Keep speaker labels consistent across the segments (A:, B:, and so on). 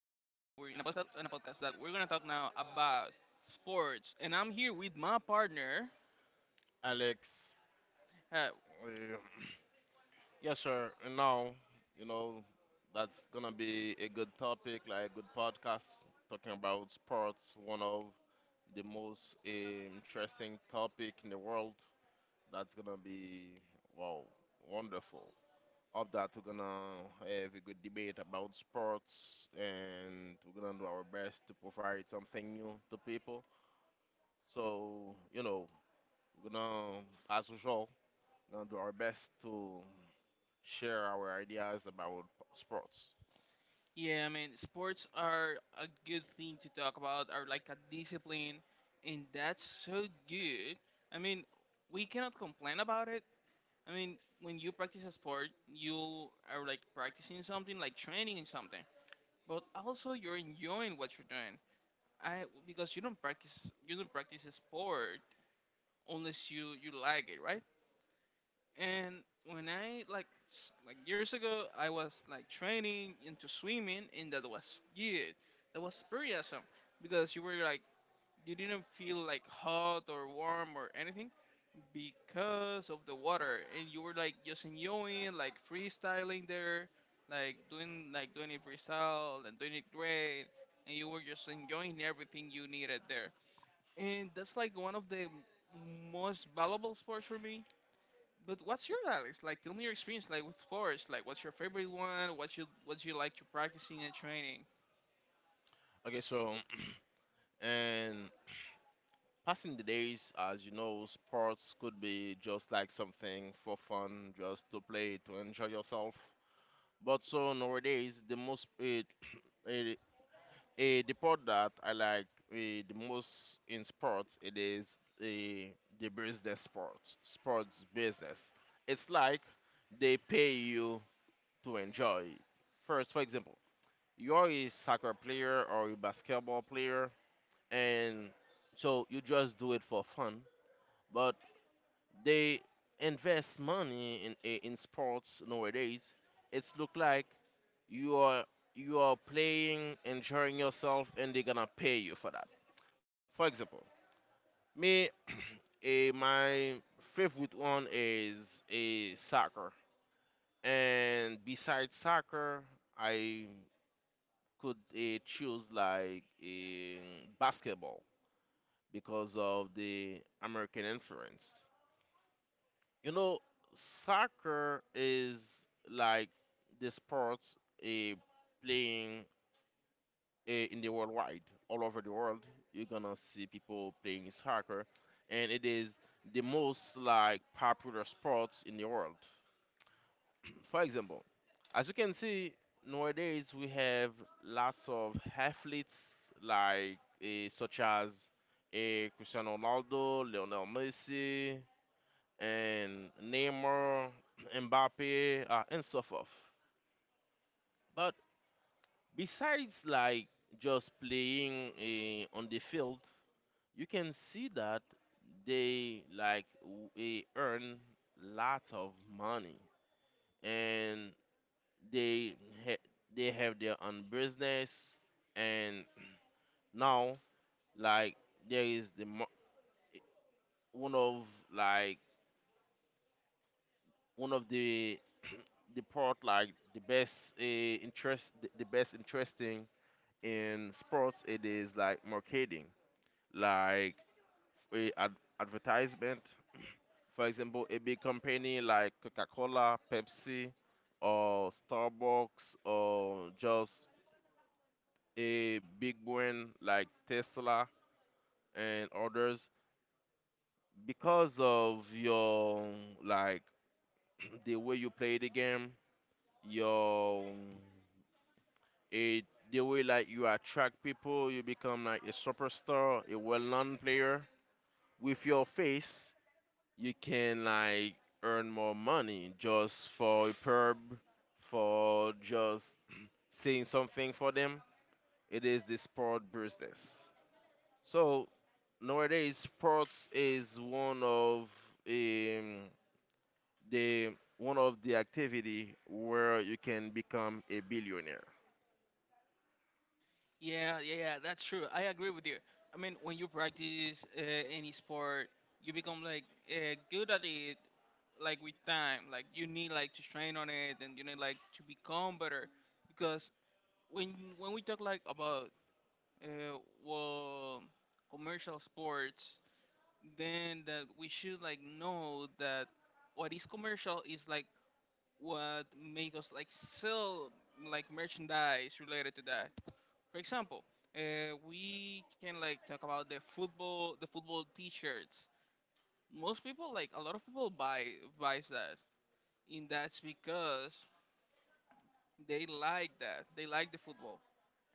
A: in a podcast that we're gonna talk now about sports, and I'm here with my partner.
B: Alex.
A: Uh,
B: Uh, yes, sir. And now, you know, that's gonna be a good topic, like a good podcast, talking about sports, one of the most interesting topic in the world. That's gonna be wow, wonderful. Of that, we're gonna have a good debate about sports, and we're gonna do our best to provide something new to people. So, we're gonna, as usual, gonna do our best to share our ideas about sports.
A: yeah, I mean sports are a good thing to talk about, are like a discipline, and that's so good. I mean, we cannot complain about it. I mean, when you practice a sport, you are like practicing something, like training in something, but also you're enjoying what you're doing. I because you don't practice a sport unless you like it, right? And when I like like years ago, I was like training into swimming, and that was good. That was pretty awesome because you were like you didn't feel like hot or warm or anything because of the water, and you were like just enjoying like freestyling there, like doing it freestyle and doing it great, and you were just enjoying everything you needed there, and that's like one of the most valuable sports for me. But what's your Alex? Like, tell me your experience, like with sports. Like, what's your favorite one? What you like to practicing and training?
B: Okay, so and passing the days, as you know, sports could be just like something for fun, just to play, to enjoy yourself. But so nowadays, the most it, the part that I like the most in sports it is eh, the business sports, sports business. It's like they pay you to enjoy. First, for example, you are a soccer player or a basketball player and so you just do it for fun but they invest money in in sports nowadays it's look like you are you are playing enjoying yourself and they're gonna pay you for that, for example, me, my favorite one is a soccer, and besides soccer I could choose like a basketball because of the American influence. You know, soccer is like the sports eh, playing in the worldwide, all over the world. You're gonna see people playing soccer, and it is the most like popular sports in the world. For example, as you can see nowadays, we have lots of athletes like such as Cristiano Ronaldo, Lionel Messi, and Neymar, Mbappe, and so forth. But besides like just playing on the field, you can see that they like earn lots of money and they ha- they have their own business, and now, like, there is eh, one of, like, one of the the part like the best interest the best interesting in sports it is like marketing, like uh, ad- advertisement. For example, a big company like Coca-Cola, Pepsi, or Starbucks, or just a big one like Tesla and others. Because of your, like, the way you play the game, your, it, the way like you attract people, you become like a superstar, a well-known player. With your face, you can like earn more money just for a perb, for just saying something for them. It is the sport business. So nowadays, sports is one of um, the one of the activity where you can become a billionaire.
A: Yeah, yeah, yeah. That's true. I agree with you. I mean, when you practice any sport, you become like good at it. Like with time, like you need like to train on it, and you need like to become better. Because when we talk like about uh, well, commercial sports, then that we should like know that what is commercial is like what make us like sell like merchandise related to that. For example, we can like talk about the football T-shirts. Most people, like a lot of people, buy buys that, and that's because they like that. They like the football,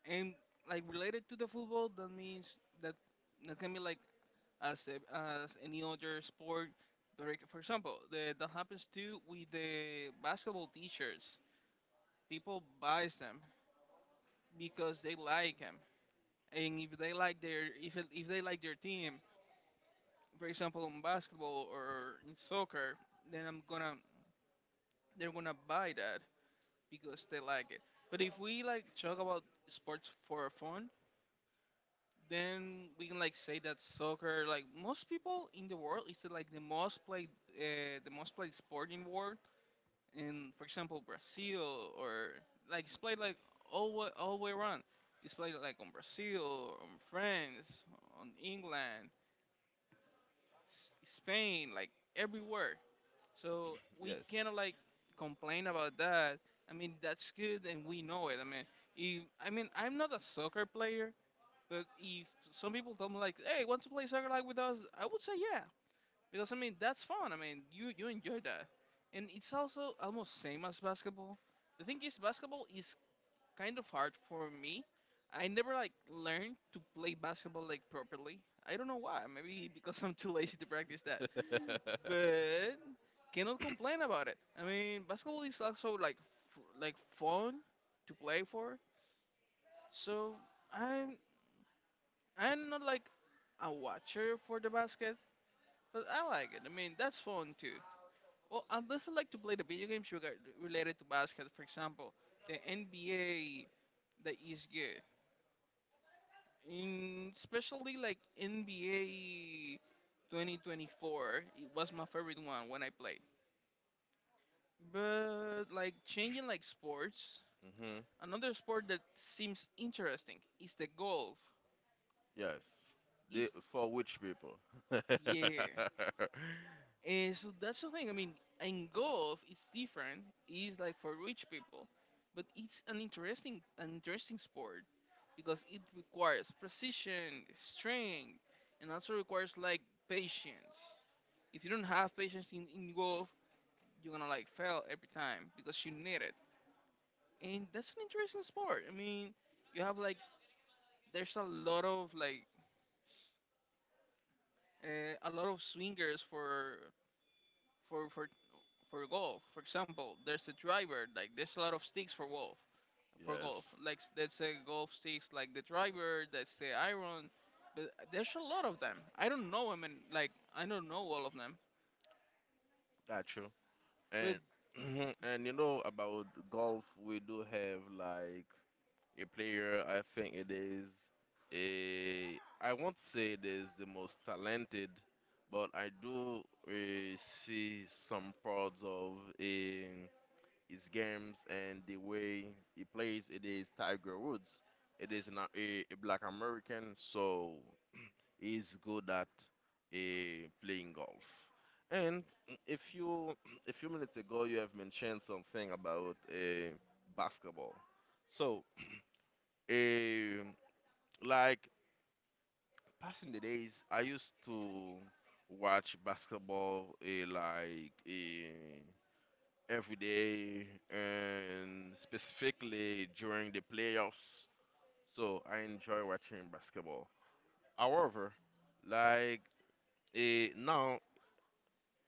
A: and like related to the football, that means that that can be like as as any other sport. Like, for example, that happens too with the basketball T-shirts. People buys them because they like them, and if they like their if they like their team, for example, in basketball or in soccer, then I'm gonna they're gonna buy that because they like it. But if we like talk about sports for fun, then we can like say that soccer, like most people in the world, is like the most played sport in the world. In, for example, Brazil, or like it's played like all way around. It's played like on Brazil, on France, on England, Spain, like everywhere. So we
B: Yes.
A: cannot like complain about that. I mean that's good and we know it. I mean, if, I mean I'm not a soccer player, but if some people tell me like, hey, want to play soccer like with us? I would say yeah, because I mean that's fun. I mean you enjoy that, and it's also almost same as basketball. The thing is basketball is kind of hard for me. I never like learned to play basketball like properly. I don't know why. Maybe because I'm too lazy to practice that. But cannot complain about it. I mean basketball is also like like fun to play for. So I'm I'm not like a watcher for the basket, but I like it. I mean that's fun too. Well, unless I like to play the video games related to basketball, for example, the NBA, that is good. In especially like NBA 2024, it was my favorite one when I played. But like changing like sports,
B: Hmm.
A: another sport that seems interesting is the golf.
B: Yes. They,
A: Is
B: for which people?
A: yeah. And so that's the thing. I mean, in golf, it's different. It's like for rich people, but it's an interesting sport because it requires precision, strength, and also requires like patience. If you don't have patience in golf, you're gonna like fail every time because you need it. And that's an interesting sport. I mean, you have like there's a lot of like a lot of swingers for for for for golf. For example, there's a driver, like there's a lot of sticks for golf, for golf.
B: Yes.
A: Like let's say golf sticks, like the driver, that's the iron. But there's a lot of them. I don't know. I mean, like I don't know all of them.
B: Got you.
A: But
B: And and you know about golf, we do have like a player. I think it is a. I won't say it is the most talented, but I do see some parts of in his games and the way he plays. It is Tiger Woods. It is not a, a black American, so is good at playing golf. And a few a few minutes ago, you have mentioned something about basketball. So, uh, like passing the days, I used to watch basketball like every day, and specifically during the playoffs. So I enjoy watching basketball. However, like now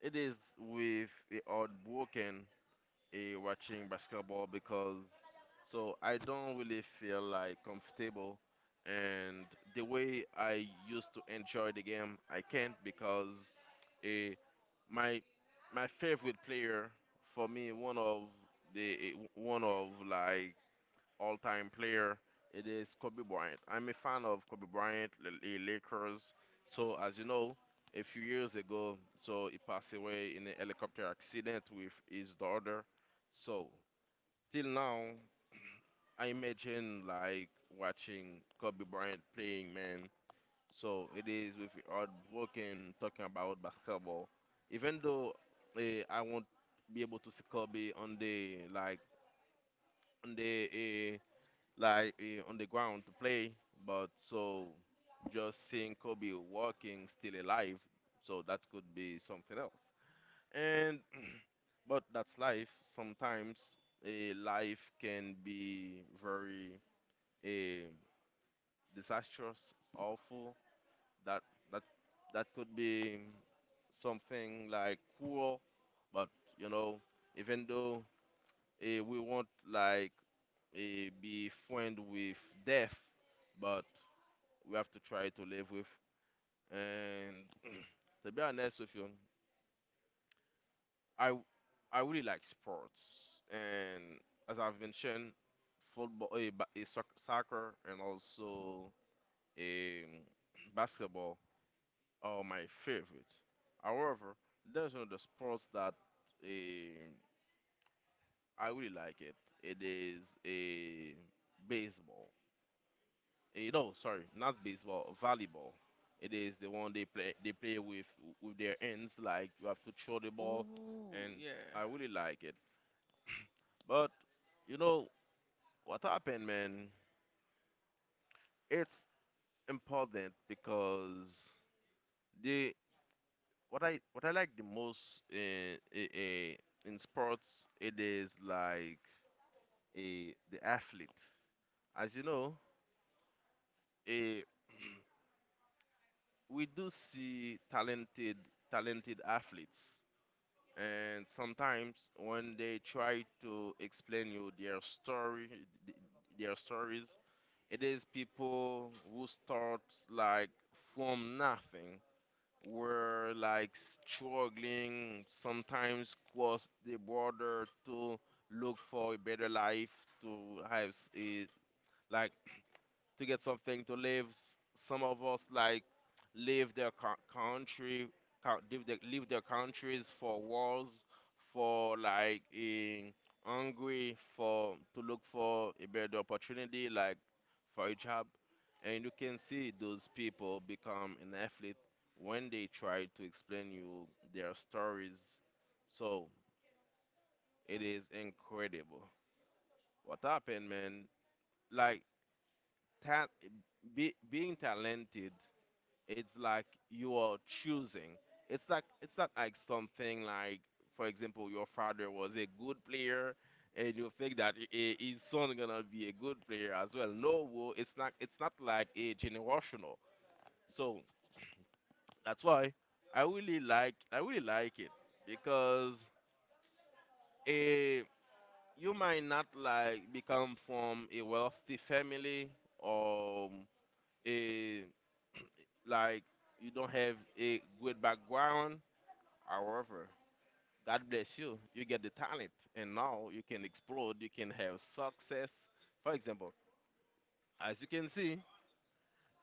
B: it is with the heartbroken a watching basketball because so I don't really feel like comfortable, and the way I used to enjoy the game I can't because a my my favorite player for me one of the one of like all-time player. It is Kobe Bryant. I'm a fan of Kobe Bryant, the Lakers. So as you know, a few years ago, so he passed away in a helicopter accident with his daughter. So till now, I imagine like watching Kobe Bryant playing, man. So it is with your heartbroken talking about basketball. Even though I won't be able to see Kobe on the like on the like on the ground to play, but so just seeing Kobe walking still alive, so that could be something else. And but that's life. Sometimes a life can be very eh, disastrous, awful. That that that could be something like cruel, but you know, even though we won't like be friend with death, but we have to try to live with. And to be honest with you, I w- I really like sports, and as I've mentioned, football, soccer, and also um, basketball are my favorite. However, there's another sports that um, I really like it. It is a baseball. Eh, no, sorry, not baseball, volleyball. It is the one they play with their hands, like you have to throw the ball,
A: ooh,
B: and
A: yeah,
B: I really like it. But you know what happened, man? It's important because the what I like the most in sports it is like a the athlete. As you know, eh, we do see talented athletes, and sometimes when they try to explain you their th- their stories, it is people who start like from nothing, were like struggling, sometimes cross the border to look for a better life, to have s- a, like, to get something to live. S- Some of us like leave their country, leave their countries for wars, for like in hungry, for to look for a better opportunity, like for a job. And you can see those people become an athlete when they try to explain you their stories. So it is incredible. What happened, man? Like that, be, being talented it's like you are choosing. It's like it's not like something like, for example, your father was a good player, and you think that his son gonna be a good player as well. No, wo- it's not. It's not like a generational. So that's why I really like it because a you might not like become from a wealthy family or a like you don't have a good background. However, God bless you. You get the talent, and now you can explode. You can have success. For example, as you can see,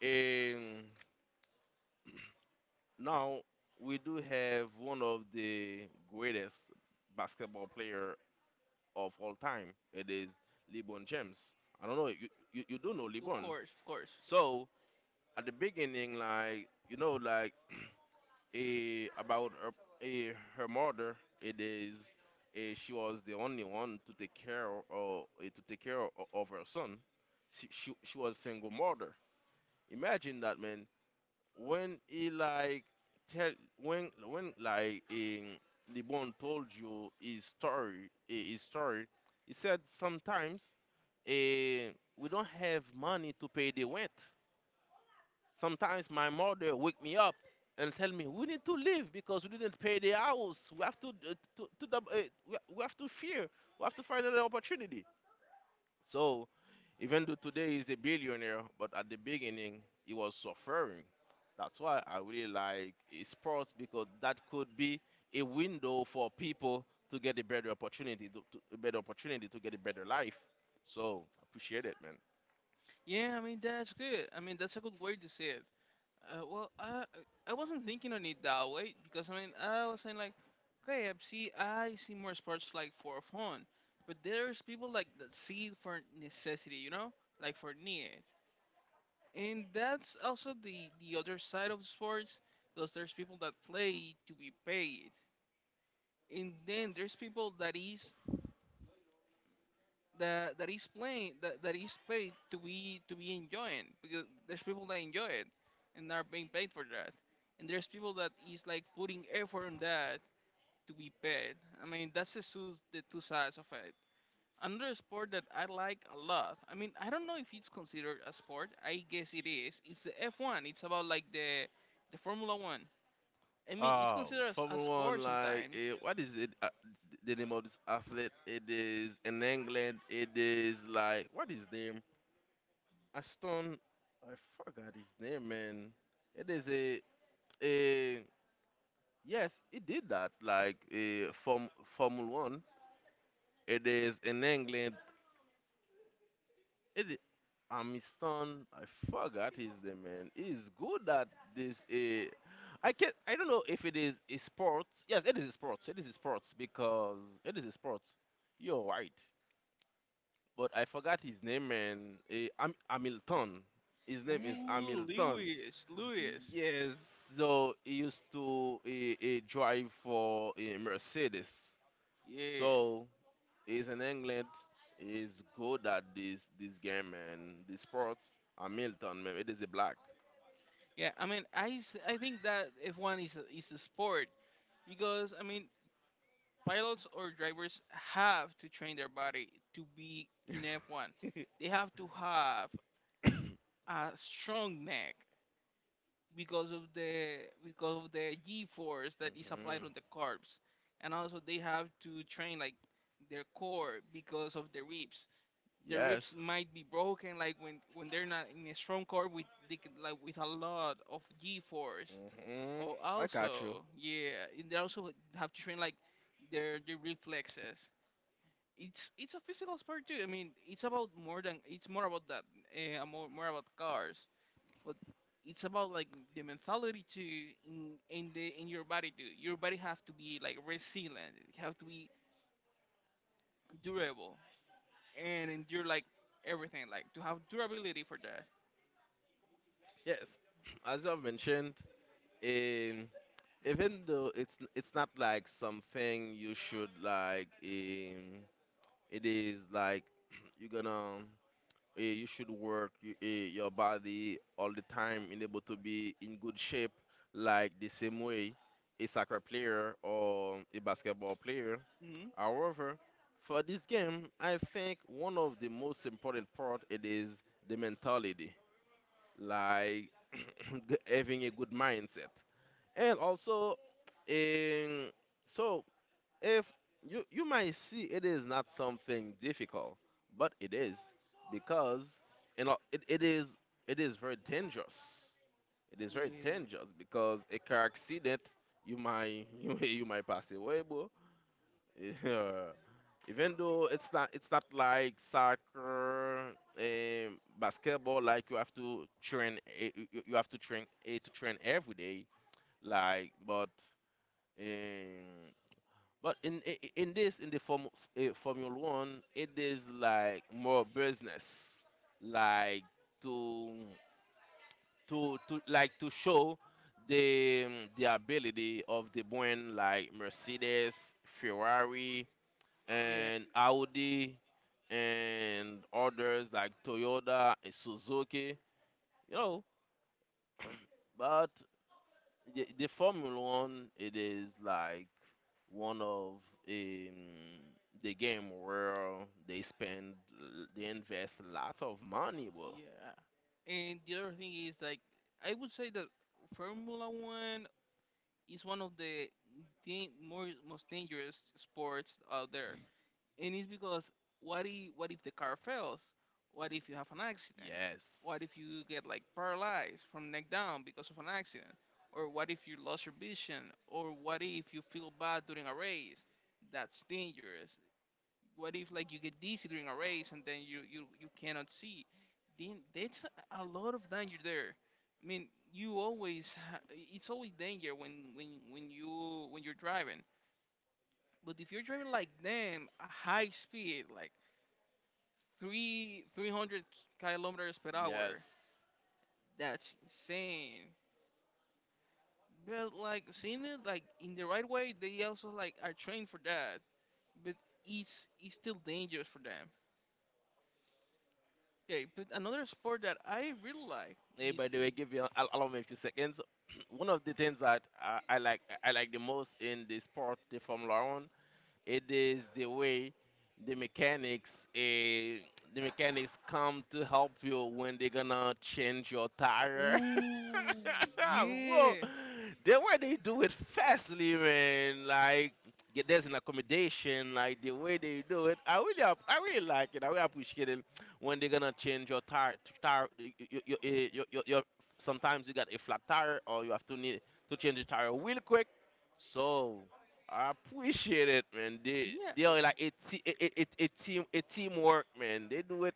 B: um, now we do have one of the greatest basketball player of all time. It is LeBron James. I don't know. You do know
A: of
B: LeBron.
A: course, of course.
B: So at the beginning, like you know, like about her, her mother. It is she was the only one to take care of to take care of her son. She was single mother. Imagine that man when he like tell when like in Libon told you his his story. He said sometimes eh, we don't have money to pay the rent. Sometimes my mother wake me up and tell me we need to leave because we didn't pay the house. We have to to we have to fear. We have to find another opportunity. So even though today he's a billionaire, but at the beginning he was suffering. That's why I really like sports because that could be a window for people to get a better opportunity, a better opportunity to get a better life. So appreciate it, man.
A: Yeah, I mean that's good. I mean that's a good way to see it. Well, I wasn't thinking on it that way because I mean I was saying like, okay, I see more sports like for fun, but there's people like that see it for necessity, you know, like for need, and that's also the other side of sports, because there's people that play to be paid, and then there's people that is that is playing that, is paid to be enjoying because there's people that enjoy it and are being paid for that, and there's people that is like putting effort on that to be paid. I mean that's the two sides of it. Another sport that I like a lot, I mean I don't know if it's considered a sport, I guess it is, it's the F1. It's about like the Formula One. I mean it's
B: Oh,
A: considered as a
B: Formula
A: sport
B: One, like,
A: sometimes.
B: what is it? The name of this athlete? It is in England. It is like, what is name? Aston. I forgot his name, man. It is a yes, he did that. Like, a form Formula One. It is in England. It, Amistan, I forgot his name, man. He's good at this. I can not I don't know if it is a sport. Yes, it is a sport. It is a sport because it is a sport. You're right. But I forgot his name, man. Hamilton. His name is
A: Ooh,
B: Hamilton.
A: Lewis, Lewis,
B: Yes. So he used to drive for a Mercedes.
A: yeah.
B: So. He's in England. He's good at this game and the sports. Hamilton, man, it is a black.
A: Yeah, I mean, I think that F1 is is a sport because I mean, pilots or drivers have to train their body to be in F1. They have to have a strong neck because of the G-force that is applied
B: Mhm.
A: on the carbs, and also they have to train like their core because of the ribs. The ribs
B: Yes.
A: might be broken like when they're not in a strong core with they, could, like with a lot of G-force.
B: Hmm.
A: Oh,
B: I got you.
A: also, yeah, and they also have to train like their reflexes. It's a physical sport too. I mean, it's about more than it's more about that, more about cars, but it's about like the mentality too in your body too. Your body have to be like resilient. It have to be durable and endure like everything. Like to have durability for that.
B: Yes, as you have mentioned, in even though it's not like something you should like, it is like you're gonna you should work your body all the time and able to be in good shape, like the same way a soccer player or a basketball player.
A: Hmm.
B: However, for this game, I think one of the most important part it is the mentality, like having a good mindset, and also, um, so if you might see it is not something difficult but it is because you know it is it is very dangerous it is very
A: Yeah,
B: dangerous because a car accident you might you might pass away bro yeah. Even though it's not like soccer, basketball, like you have to train, you have to train, to train every day, like. But um, but in i- i- in this in the form Formula One, it is like more business, like to like to show the ability of the brand like Mercedes, Ferrari,
A: yeah.
B: and Audi, and others like Toyota and Suzuki. You know, but the Formula One, it is like one of um, the game where they spend they invest lots of money, bro.
A: Yeah. And the other thing is like I would say that Formula One is one of the dan- more most dangerous sports out there, and it's because what if the car fails? What if you have an accident? What if
B: Yes.
A: you get like paralyzed from neck down because of an accident? Or what if you lost your vision? Or what if you feel bad during a race? That's dangerous. What if like you get dizzy during a race and then you cannot see? Then that's a lot of danger there. I mean you always it's always danger when you when you're driving, but if you're driving like them a high speed like three 300 kilometers per
B: Yes.
A: hour, that's insane. But like seeing it like in the right way, they also like are trained for that, but it's it's still dangerous for them. Okay, but another sport that I really like
B: Hey,
A: is
B: by the way, give me, allow me a few seconds. one of the things that I like the most in the sport, the Formula One. It is the way the mechanics, come to help you when they're gonna change your tire.
A: ooh,
B: Whoa,
A: yeah,
B: the way they do it fastly, man. Like, yeah, there's an accommodation, like the way they do it. I really, I really like it. I really appreciate it when they're gonna change your tire. Tire, your, your, your, your, your, sometimes you got a flat tire, or you have to need to change the tire real quick. So, I appreciate it, man. They
A: yeah,
B: they are like a, team, a teamwork, man. They do it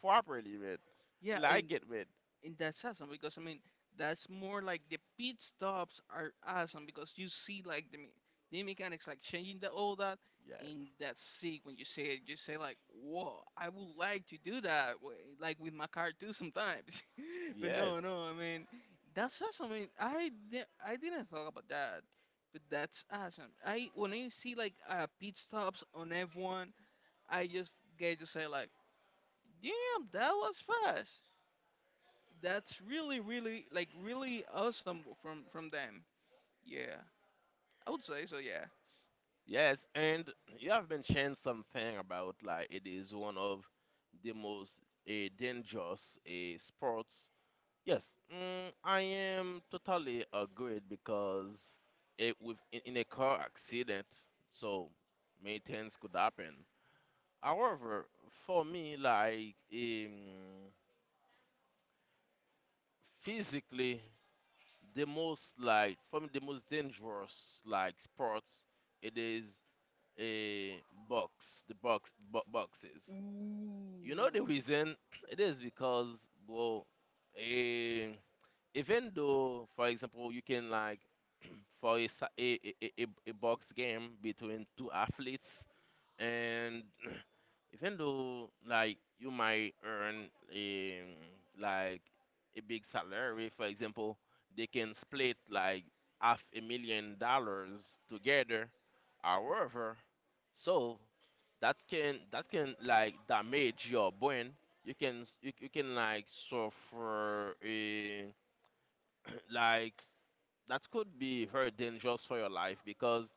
B: properly, man.
A: yeah. and
B: Like it, man.
A: and that's awesome because I mean that's more like the pit stops are awesome because you see like the mechanics like changing the all that,
B: Yeah.
A: and that's sick. When you see it you say like, whoa, I would like to do that like with my car too sometimes. But
B: Yes.
A: no, no, I mean, that's awesome. I mean I didn't talk about that, but that's awesome. I when I see like pit stops on F1, I just get to say like, damn, that was fast. That's really, really, like, really awesome from them. Yeah, I would say so. Yeah.
B: Yes. And you have mentioned something about, like, it is one of the most uh, dangerous sports. Yes. Mm, I am totally agreed because it with, in a car accident, so many things could happen. However, for me, like, physically, the most, like for me the most dangerous, like, sports, it is a boxes. You know the
A: Ooh.
B: reason, it is because, well, eh, even though, for example, you can, like, for a, sa- a box game between two athletes, and even though, like, you might earn, like, a big salary, for example, they can split like half a million dollars together. However, so that can like damage your brain. You can, you can, like, suffer a like, that could be very dangerous for your life, because,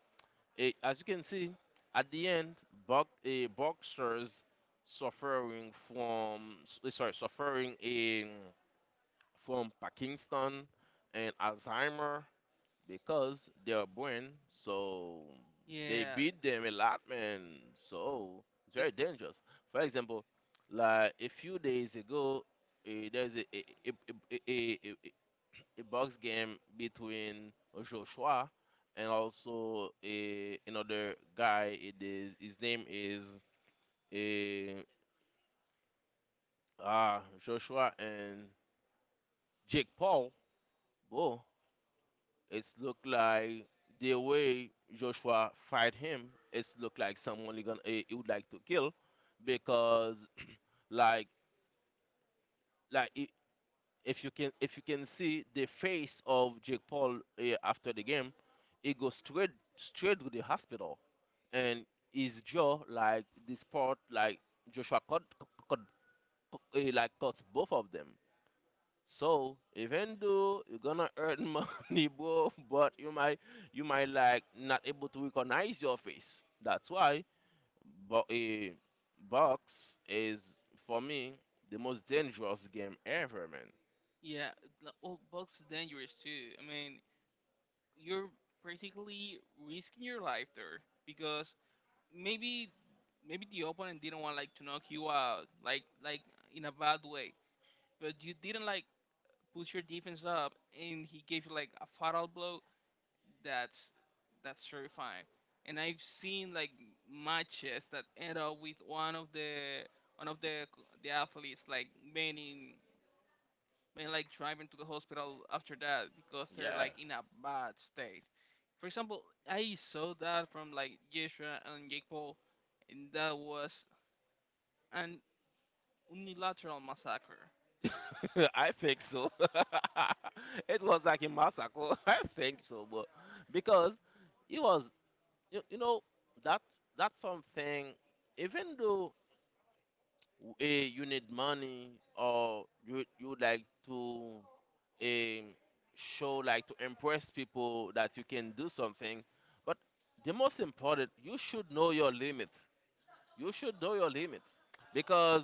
B: as you can see, at the end, boxers suffering from, sorry, suffering in from Parkinson and Alzheimer because they are born. So they
A: Yeah.
B: beat them a lot, man. So it's
A: That
B: very dangerous. For
A: that.
B: example, like a few days ago, there's a, a, a, a box game between Joshua and also, another guy. It is his name is a ah Joshua and Jake Paul. Whoa, it's look like the way Joshua fight him. It's look like someone he gonna, he would like to kill, because, like, like i- if you can see the face of Jake Paul, after the game, he goes straight to the hospital, and his jaw, like this part, like Joshua cut, cut, like cuts both of them. So even though you're gonna earn money, bro, but you might, like, not able to recognize your face. That's why. But a box is, for me, the most dangerous game ever, man.
A: Yeah. Well, bugs are dangerous too. I mean, you're practically risking your life there because maybe maybe the opponent didn't want like to knock you out, like in a bad way, but you didn't like push your defense up, and he gave you like a fatal blow. That's terrifying. And I've seen like matches that end up with one of the the athletes like being in, being like driving to the hospital after that because they're
B: Yeah.
A: like in a bad state. For example, I saw that from like Joshua and Jake Paul, and that was an unilateral massacre.
B: I think so. it was like a massacre. I think so, but because it was, you, you know, that that's something. Even though, you need money, or you would like to, um, show, like, to impress people that you can do something. But the most important, you should know your limit. You should know your limit because,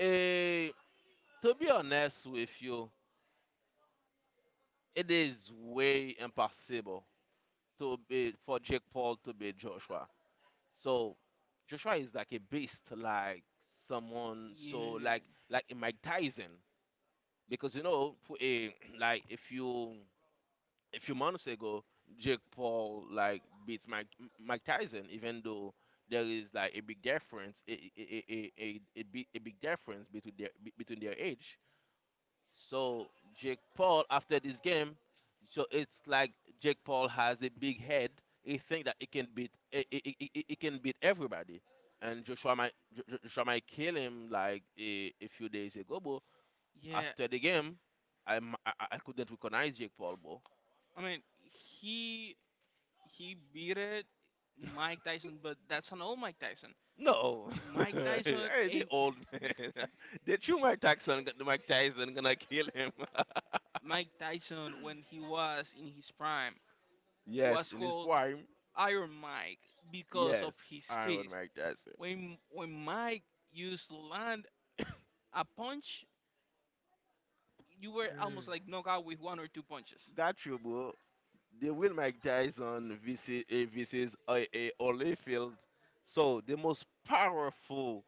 B: uh, to be honest with you, it is way impossible to be for Jake Paul to beat Joshua. So Joshua is like a beast, like someone so,
A: Yeah,
B: like, a Mike Tyson, because you know, a, like, if you a few months ago, Jake Paul like beats Mike Tyson, even though there is like a big difference, a big difference between their, between their age. So Jake Paul, after this game, so it's like Jake Paul has a big head. He think that he can beat he can beat everybody, and Joshua might kill him like, a few days ago. But
A: yeah.
B: after the game, I m- I couldn't recognize Jake Paul, bro.
A: I mean, he he beat it Mike Tyson, but that's an old Mike Tyson.
B: No.
A: Mike Tyson
B: hey, the
A: and
B: old man. the true Mike Tyson, Mike Tyson gonna kill him.
A: Mike Tyson when he was in his prime
B: yes,
A: was
B: in his
A: called
B: prime.
A: Iron Mike because of
B: Yes,
A: his
B: Iron
A: fist.
B: Mike Tyson.
A: When Mike used to land a punch, you were almost like knocked out with one or two punches.
B: That's true, bro. They will Mike Tyson versus, Holyfield. So the most powerful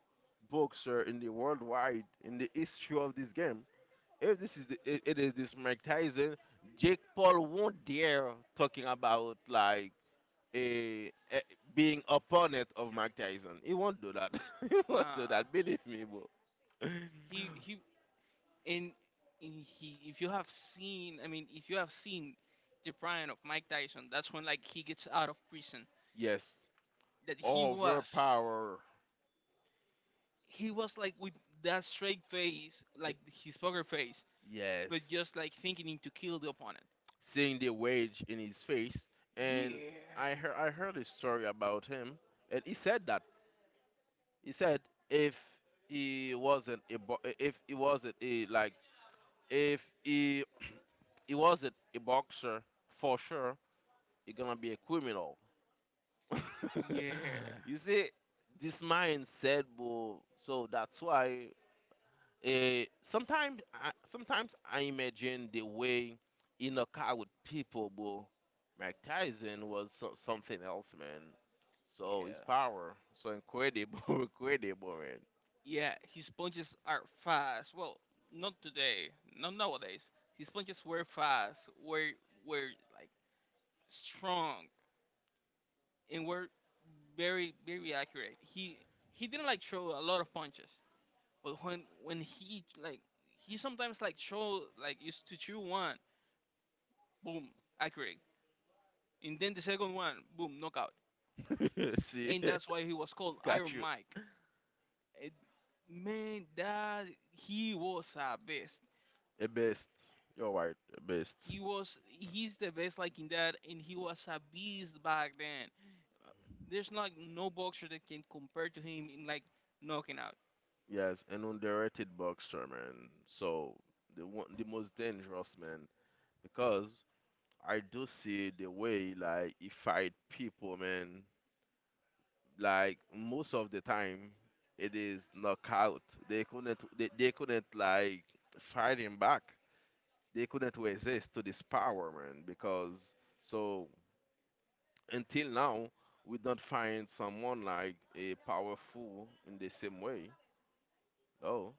B: boxer in the worldwide, in the history of this game. If this is the, it is this Mike Tyson, Jake Paul won't dare talking about, like, a being opponent of Mike Tyson. He won't do that. he won't do
A: Nah,
B: that. Believe me, bro.
A: he and, and he if you have seen, I mean, if you have seen the prime of Mike Tyson, that's when like he gets out of prison.
B: Yes,
A: That he was
B: overpower.
A: He was like with that straight face, like
B: It-
A: his poker face but
B: yes.
A: just like thinking to kill the opponent.
B: Seeing the rage in his face. And
A: Yeah,
B: I heard a story about him, and he said that, he said if he wasn't a bo- if he wasn't a, like, if he he wasn't a boxer, for sure, he gonna be a criminal.
A: yeah,
B: you see, this mindset, bro. So that's why. Sometimes I imagine the way in a car with people, bro. Mike Tyson was so, something else, man. So his
A: yeah,
B: power, so incredible, incredible,
A: yeah. His punches are fast. Well, not today, not nowadays. His punches were fast, were like strong, and were very accurate. He didn't like throw a lot of punches, but when he like he sometimes like throw like used to throw one, boom, accurate, and then the second one, boom, knockout,
B: man. See,
A: and that's why he was called
B: got
A: Iron
B: you.
A: Mike. It, Man, that he was a beast.
B: A best. You're right, a best.
A: He's the best like in that, and he was a beast back then. Uh, There's like no boxer that can compare to him in like knocking out.
B: Yes, an underrated boxer, man. So the one, the most dangerous, man, because I do see the way, like, he fight people, man. Like, most of the time it is knockout. They couldn't like fight him back. They couldn't resist to this power, man, because, so, until now we don't find someone, like, a powerful, in the same way. No,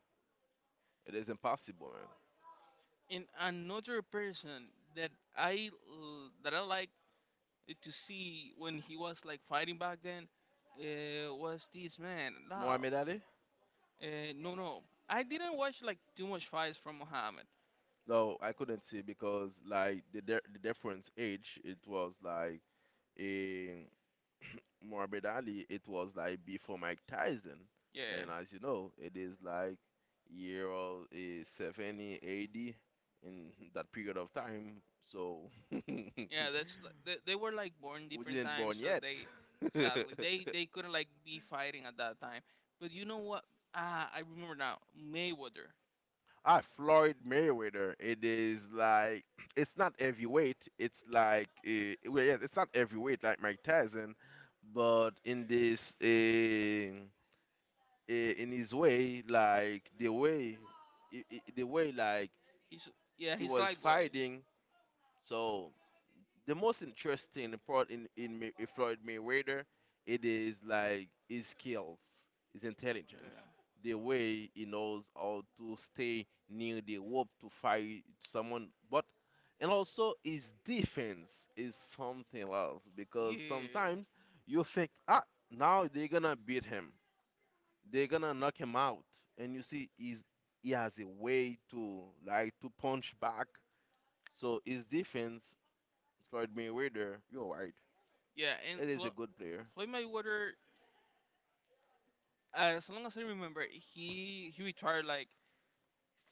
B: it is impossible, man.
A: And another person that that I like to see when he was like fighting back then was this man Lau.
B: Muhammad Ali?
A: No, no, I didn't watch like too much fights from Muhammad.
B: No, I couldn't see because, like, the difference age, it was like, a Muhammad Ali, it was like before Mike Tyson.
A: Yeah,
B: And as you know, it is like year of, 70, 80, in that period of time. So we
A: yeah, that's li- they were like born different
B: didn't
A: times,
B: born
A: so
B: yet.
A: they exactly they couldn't like be fighting at that time. But you know what? Ah, I remember now. Mayweather.
B: Ah, Floyd Mayweather. It is like, it's not heavyweight. It's like, well, yes, it's not heavyweight like Mike Tyson, but in this, in his way, like the way, like
A: He's Yeah,
B: he
A: he's
B: was
A: lightweight.
B: fighting. So the most interesting part in Floyd Mayweather, it is like his skills, his intelligence, the way he knows how to stay near the rope to fight someone, but and also his defense is something else because,
A: Yeah,
B: sometimes, you think, ah, now they're gonna beat him, they're gonna knock him out, and you see, he has a way to, like, to punch back. So his defense, Floyd Mayweather, you're right.
A: yeah, yeah.
B: It is a good player.
A: Floyd Mayweather, as long as I remember, he retired like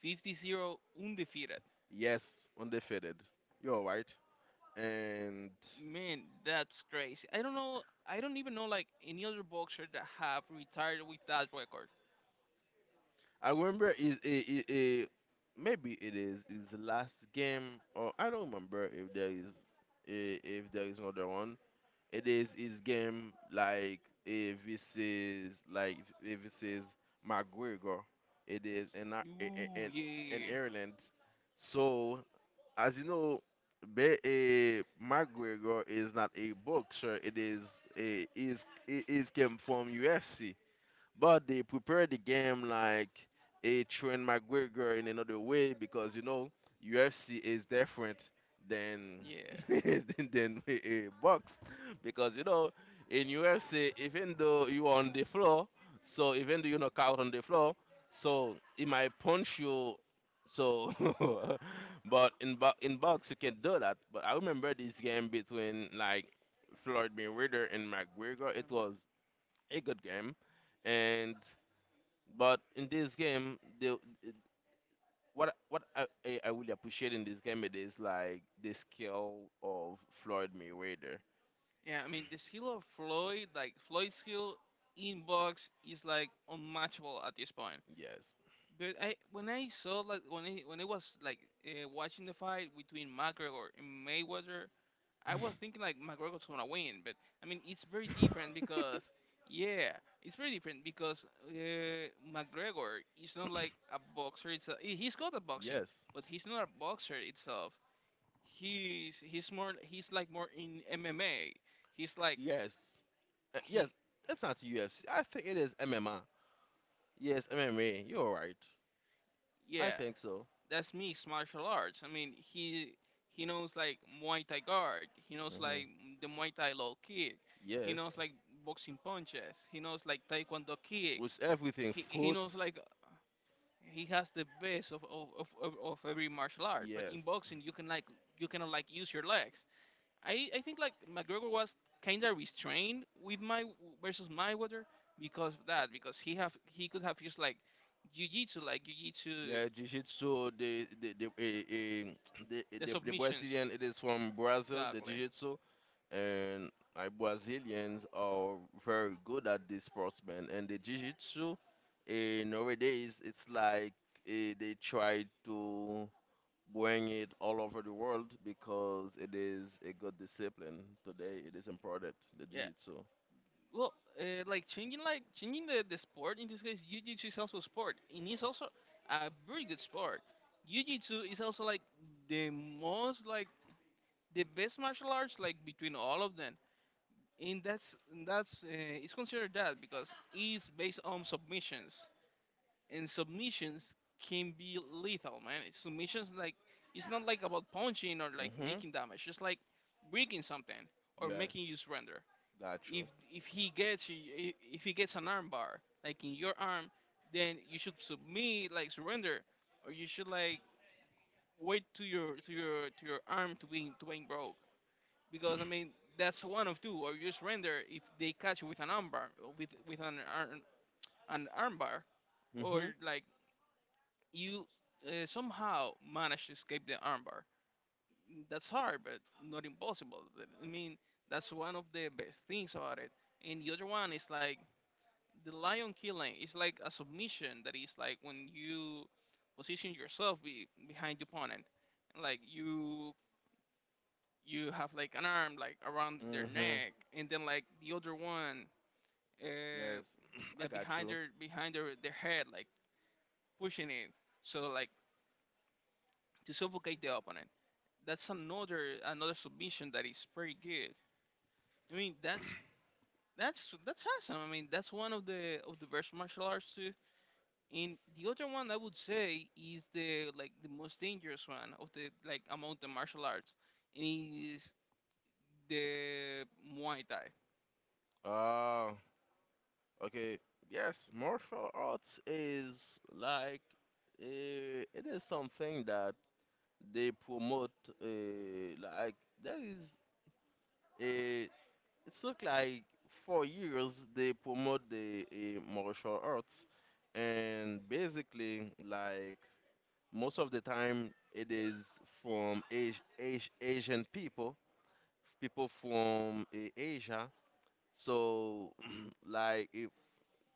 A: 50-0 undefeated.
B: Yes, undefeated. You're right. And
A: Man, that's crazy. I don't know. I don't even know like any other boxer that have retired with that record.
B: I remember is, a maybe it is his last game, or I don't remember if there is, if there is another one. It is his game, like if this is like, if this is McGregor. It is in Ar-
A: Ooh,
B: in in
A: yeah,
B: Ireland. So as you know, McGregor is not a boxer. It is, a is it is came from UFC. But they prepare the game like a Trent McGregor in another way, because you know, UFC is different than,
A: yeah.
B: than, than a box. Because you know, in UFC, even though you are on the floor, so even though you knock out on the floor, so it might punch you. So, but in box you can do that. But I remember this game between like Floyd Mayweather and McGregor.
A: Oh,
B: It
A: man.
B: was a good game, and but in this game, what I really appreciate in this game, it is like the skill of Floyd Mayweather.
A: Yeah, I mean the skill of Floyd, like Floyd's skill in box is like unmatchable at this point.
B: Yes,
A: But I when I saw like when I was like watching the fight between McGregor and Mayweather, I was thinking like McGregor's gonna win. But I mean it's very different because yeah, it's very different because McGregor is not like a boxer. He- he's got a boxing,
B: yes,
A: but he's not a boxer itself. He's more he's like more in MMA. He's like
B: yes.
A: he
B: Yes. It's not UFC. I think it is MMA. Yes, MMA. You're right. I
A: Yeah,
B: think so.
A: that's mixed martial arts. I mean he knows like Muay Thai guard. He knows like
B: Hmm.
A: the Muay Thai low kick. He knows
B: Yes,
A: like boxing punches. He knows like Taekwondo kicks.
B: with everything
A: He
B: foot.
A: knows like he has the best of every martial art. But in
B: Yes.
A: boxing you can like you cannot like use your legs. I think like McGregor was kind of restrained with my versus my Mayweather because of that because he could have used like jiu-jitsu, like jiu-jitsu,
B: Yeah, Jiu-Jitsu, the
A: the
B: the the
A: submissions
B: Brazilian, it is from Brazil, the
A: exactly.
B: Jiu-Jitsu, and my Brazilians are very good at this sport, man. And the Jiu-Jitsu, nowadays it's like, they try to bring it all over the world because it is a good discipline. Today it is important, the
A: Yeah,
B: Jiu-Jitsu.
A: well, like changing, the sport, in this case jiu-jitsu is also a sport, and it's also a very good sport. Jiu-jitsu is also like the most like the best martial arts like between all of them, and that's and that's it's considered that because it's based on submissions, and submissions can be lethal, man. It's submissions like it's not like about punching or like
B: Mm-hmm.
A: making damage. It's like breaking something or making
B: Yes,
A: you surrender.
B: got
A: If
B: you.
A: if he gets you, if he gets an arm bar like in your arm, then you should submit, like surrender, or you should like wait to your arm to being broke. Because I mean that's one of two, or you surrender if they catch you with an arm bar, with an arm bar, or
B: Mm-hmm.
A: like you somehow manage to escape the armbar. That's hard, but not impossible. Th- I mean, that's one of the best things about it. And the other one is like the lion killing. It's like a submission that is like when you position yourself be- behind the opponent, like you have like an arm like around their
B: Mm-hmm.
A: neck, and then like the other one uh,
B: Yes, I
A: yeah,
B: got
A: behind
B: you.
A: their their head, like pushing it. So like to suffocate the opponent. That's another submission that is pretty good. I mean, that's that's awesome. I mean, that's one of the best martial arts too. And the other one I would say is the like the most dangerous one of the like among the martial arts, and it is the Muay Thai.
B: Uh, okay. Yes, martial arts is, like, it is something that they promote. Like, there is, a it's look like, for years they promote the martial arts, and basically, like, most of the time it is from Asian people, people from Asia. So, like if,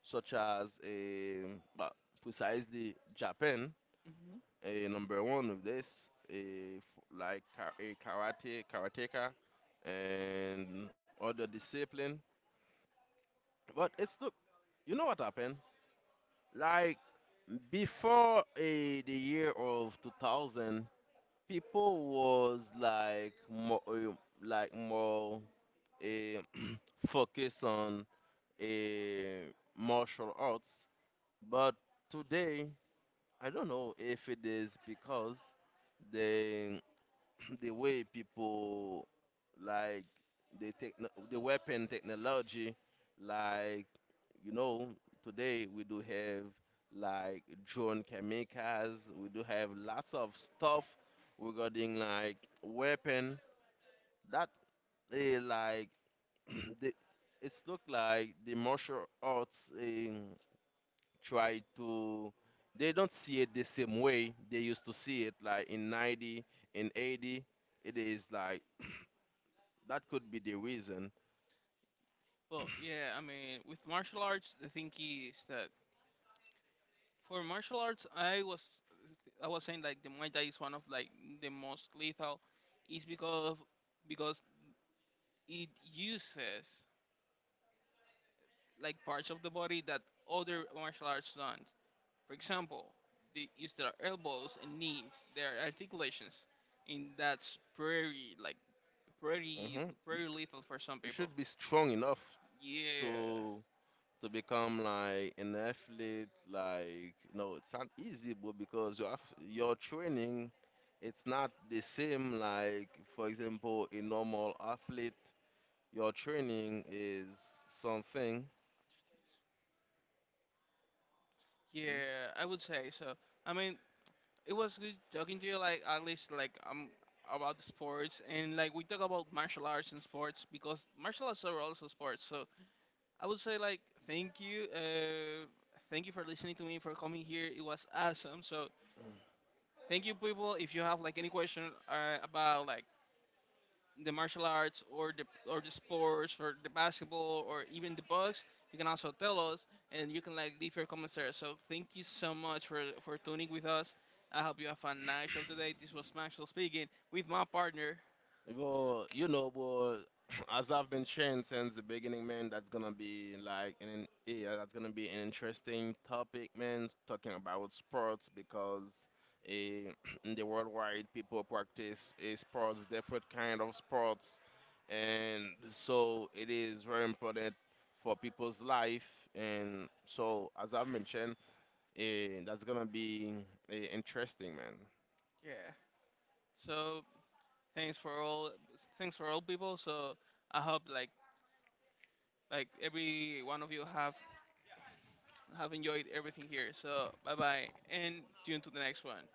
B: such as, but precisely Japan,
A: Hmm.
B: a number one with this, like, karate, karateka, and other discipline. But it's look, you know what happened? Like, before, the year of 2000, people was like more, like more, eh, focused on, eh, martial arts. But today, I don't know if it is because the the way people, like, the weapon technology, like, you know, today we do have, like, drone chemicals, we do have lots of stuff regarding, like, weapon that they like the, it's look like, the martial arts, try to, they don't see it the same way they used to see it, like, in 90, in 80, it is like, that could be the reason.
A: Well, yeah, I mean, with martial arts, the thing is that for martial arts, I was saying like the Muay Thai is one of like the most lethal, is because it uses like parts of the body that other martial arts don't. For example, they use their elbows and knees, their articulations, and that's pretty like pretty
B: Hmm. you,
A: pretty
B: sh-
A: lethal for some
B: you
A: people.
B: should be strong enough
A: Yeah,
B: to become like an athlete, like, no, it's not easy, but because your have your training, it's not the same, like, for example, a normal athlete, your training is something. Mm-hmm.
A: yeah, I would say so. I mean, it was good talking to you. Like at least like about the sports and like we talk about martial arts and sports because martial arts are also sports. So I would say like thank you, uh, thank you for listening to me, for coming here. It was awesome. So thank you, people. If you have like any question about like the martial arts or the sports or the basketball or even the books, you can also tell us, and you can like leave your comments there. So thank you so much for tuning with us. I hope you have a nice of the day. This was Maxwell speaking with my partner.
B: Well, you know, well, as I've been sharing since the beginning, man, that's gonna be like an yeah, that's gonna be an interesting topic, man. Talking about sports, because, eh, in the worldwide people practice, sports, different kind of sports, and so it is very important for people's life. And so, as I've mentioned, that's gonna be, interesting, man.
A: Yeah. So thanks for all, thanks for all people. So I hope like every one of you have enjoyed everything here. So bye bye and tune to the next one.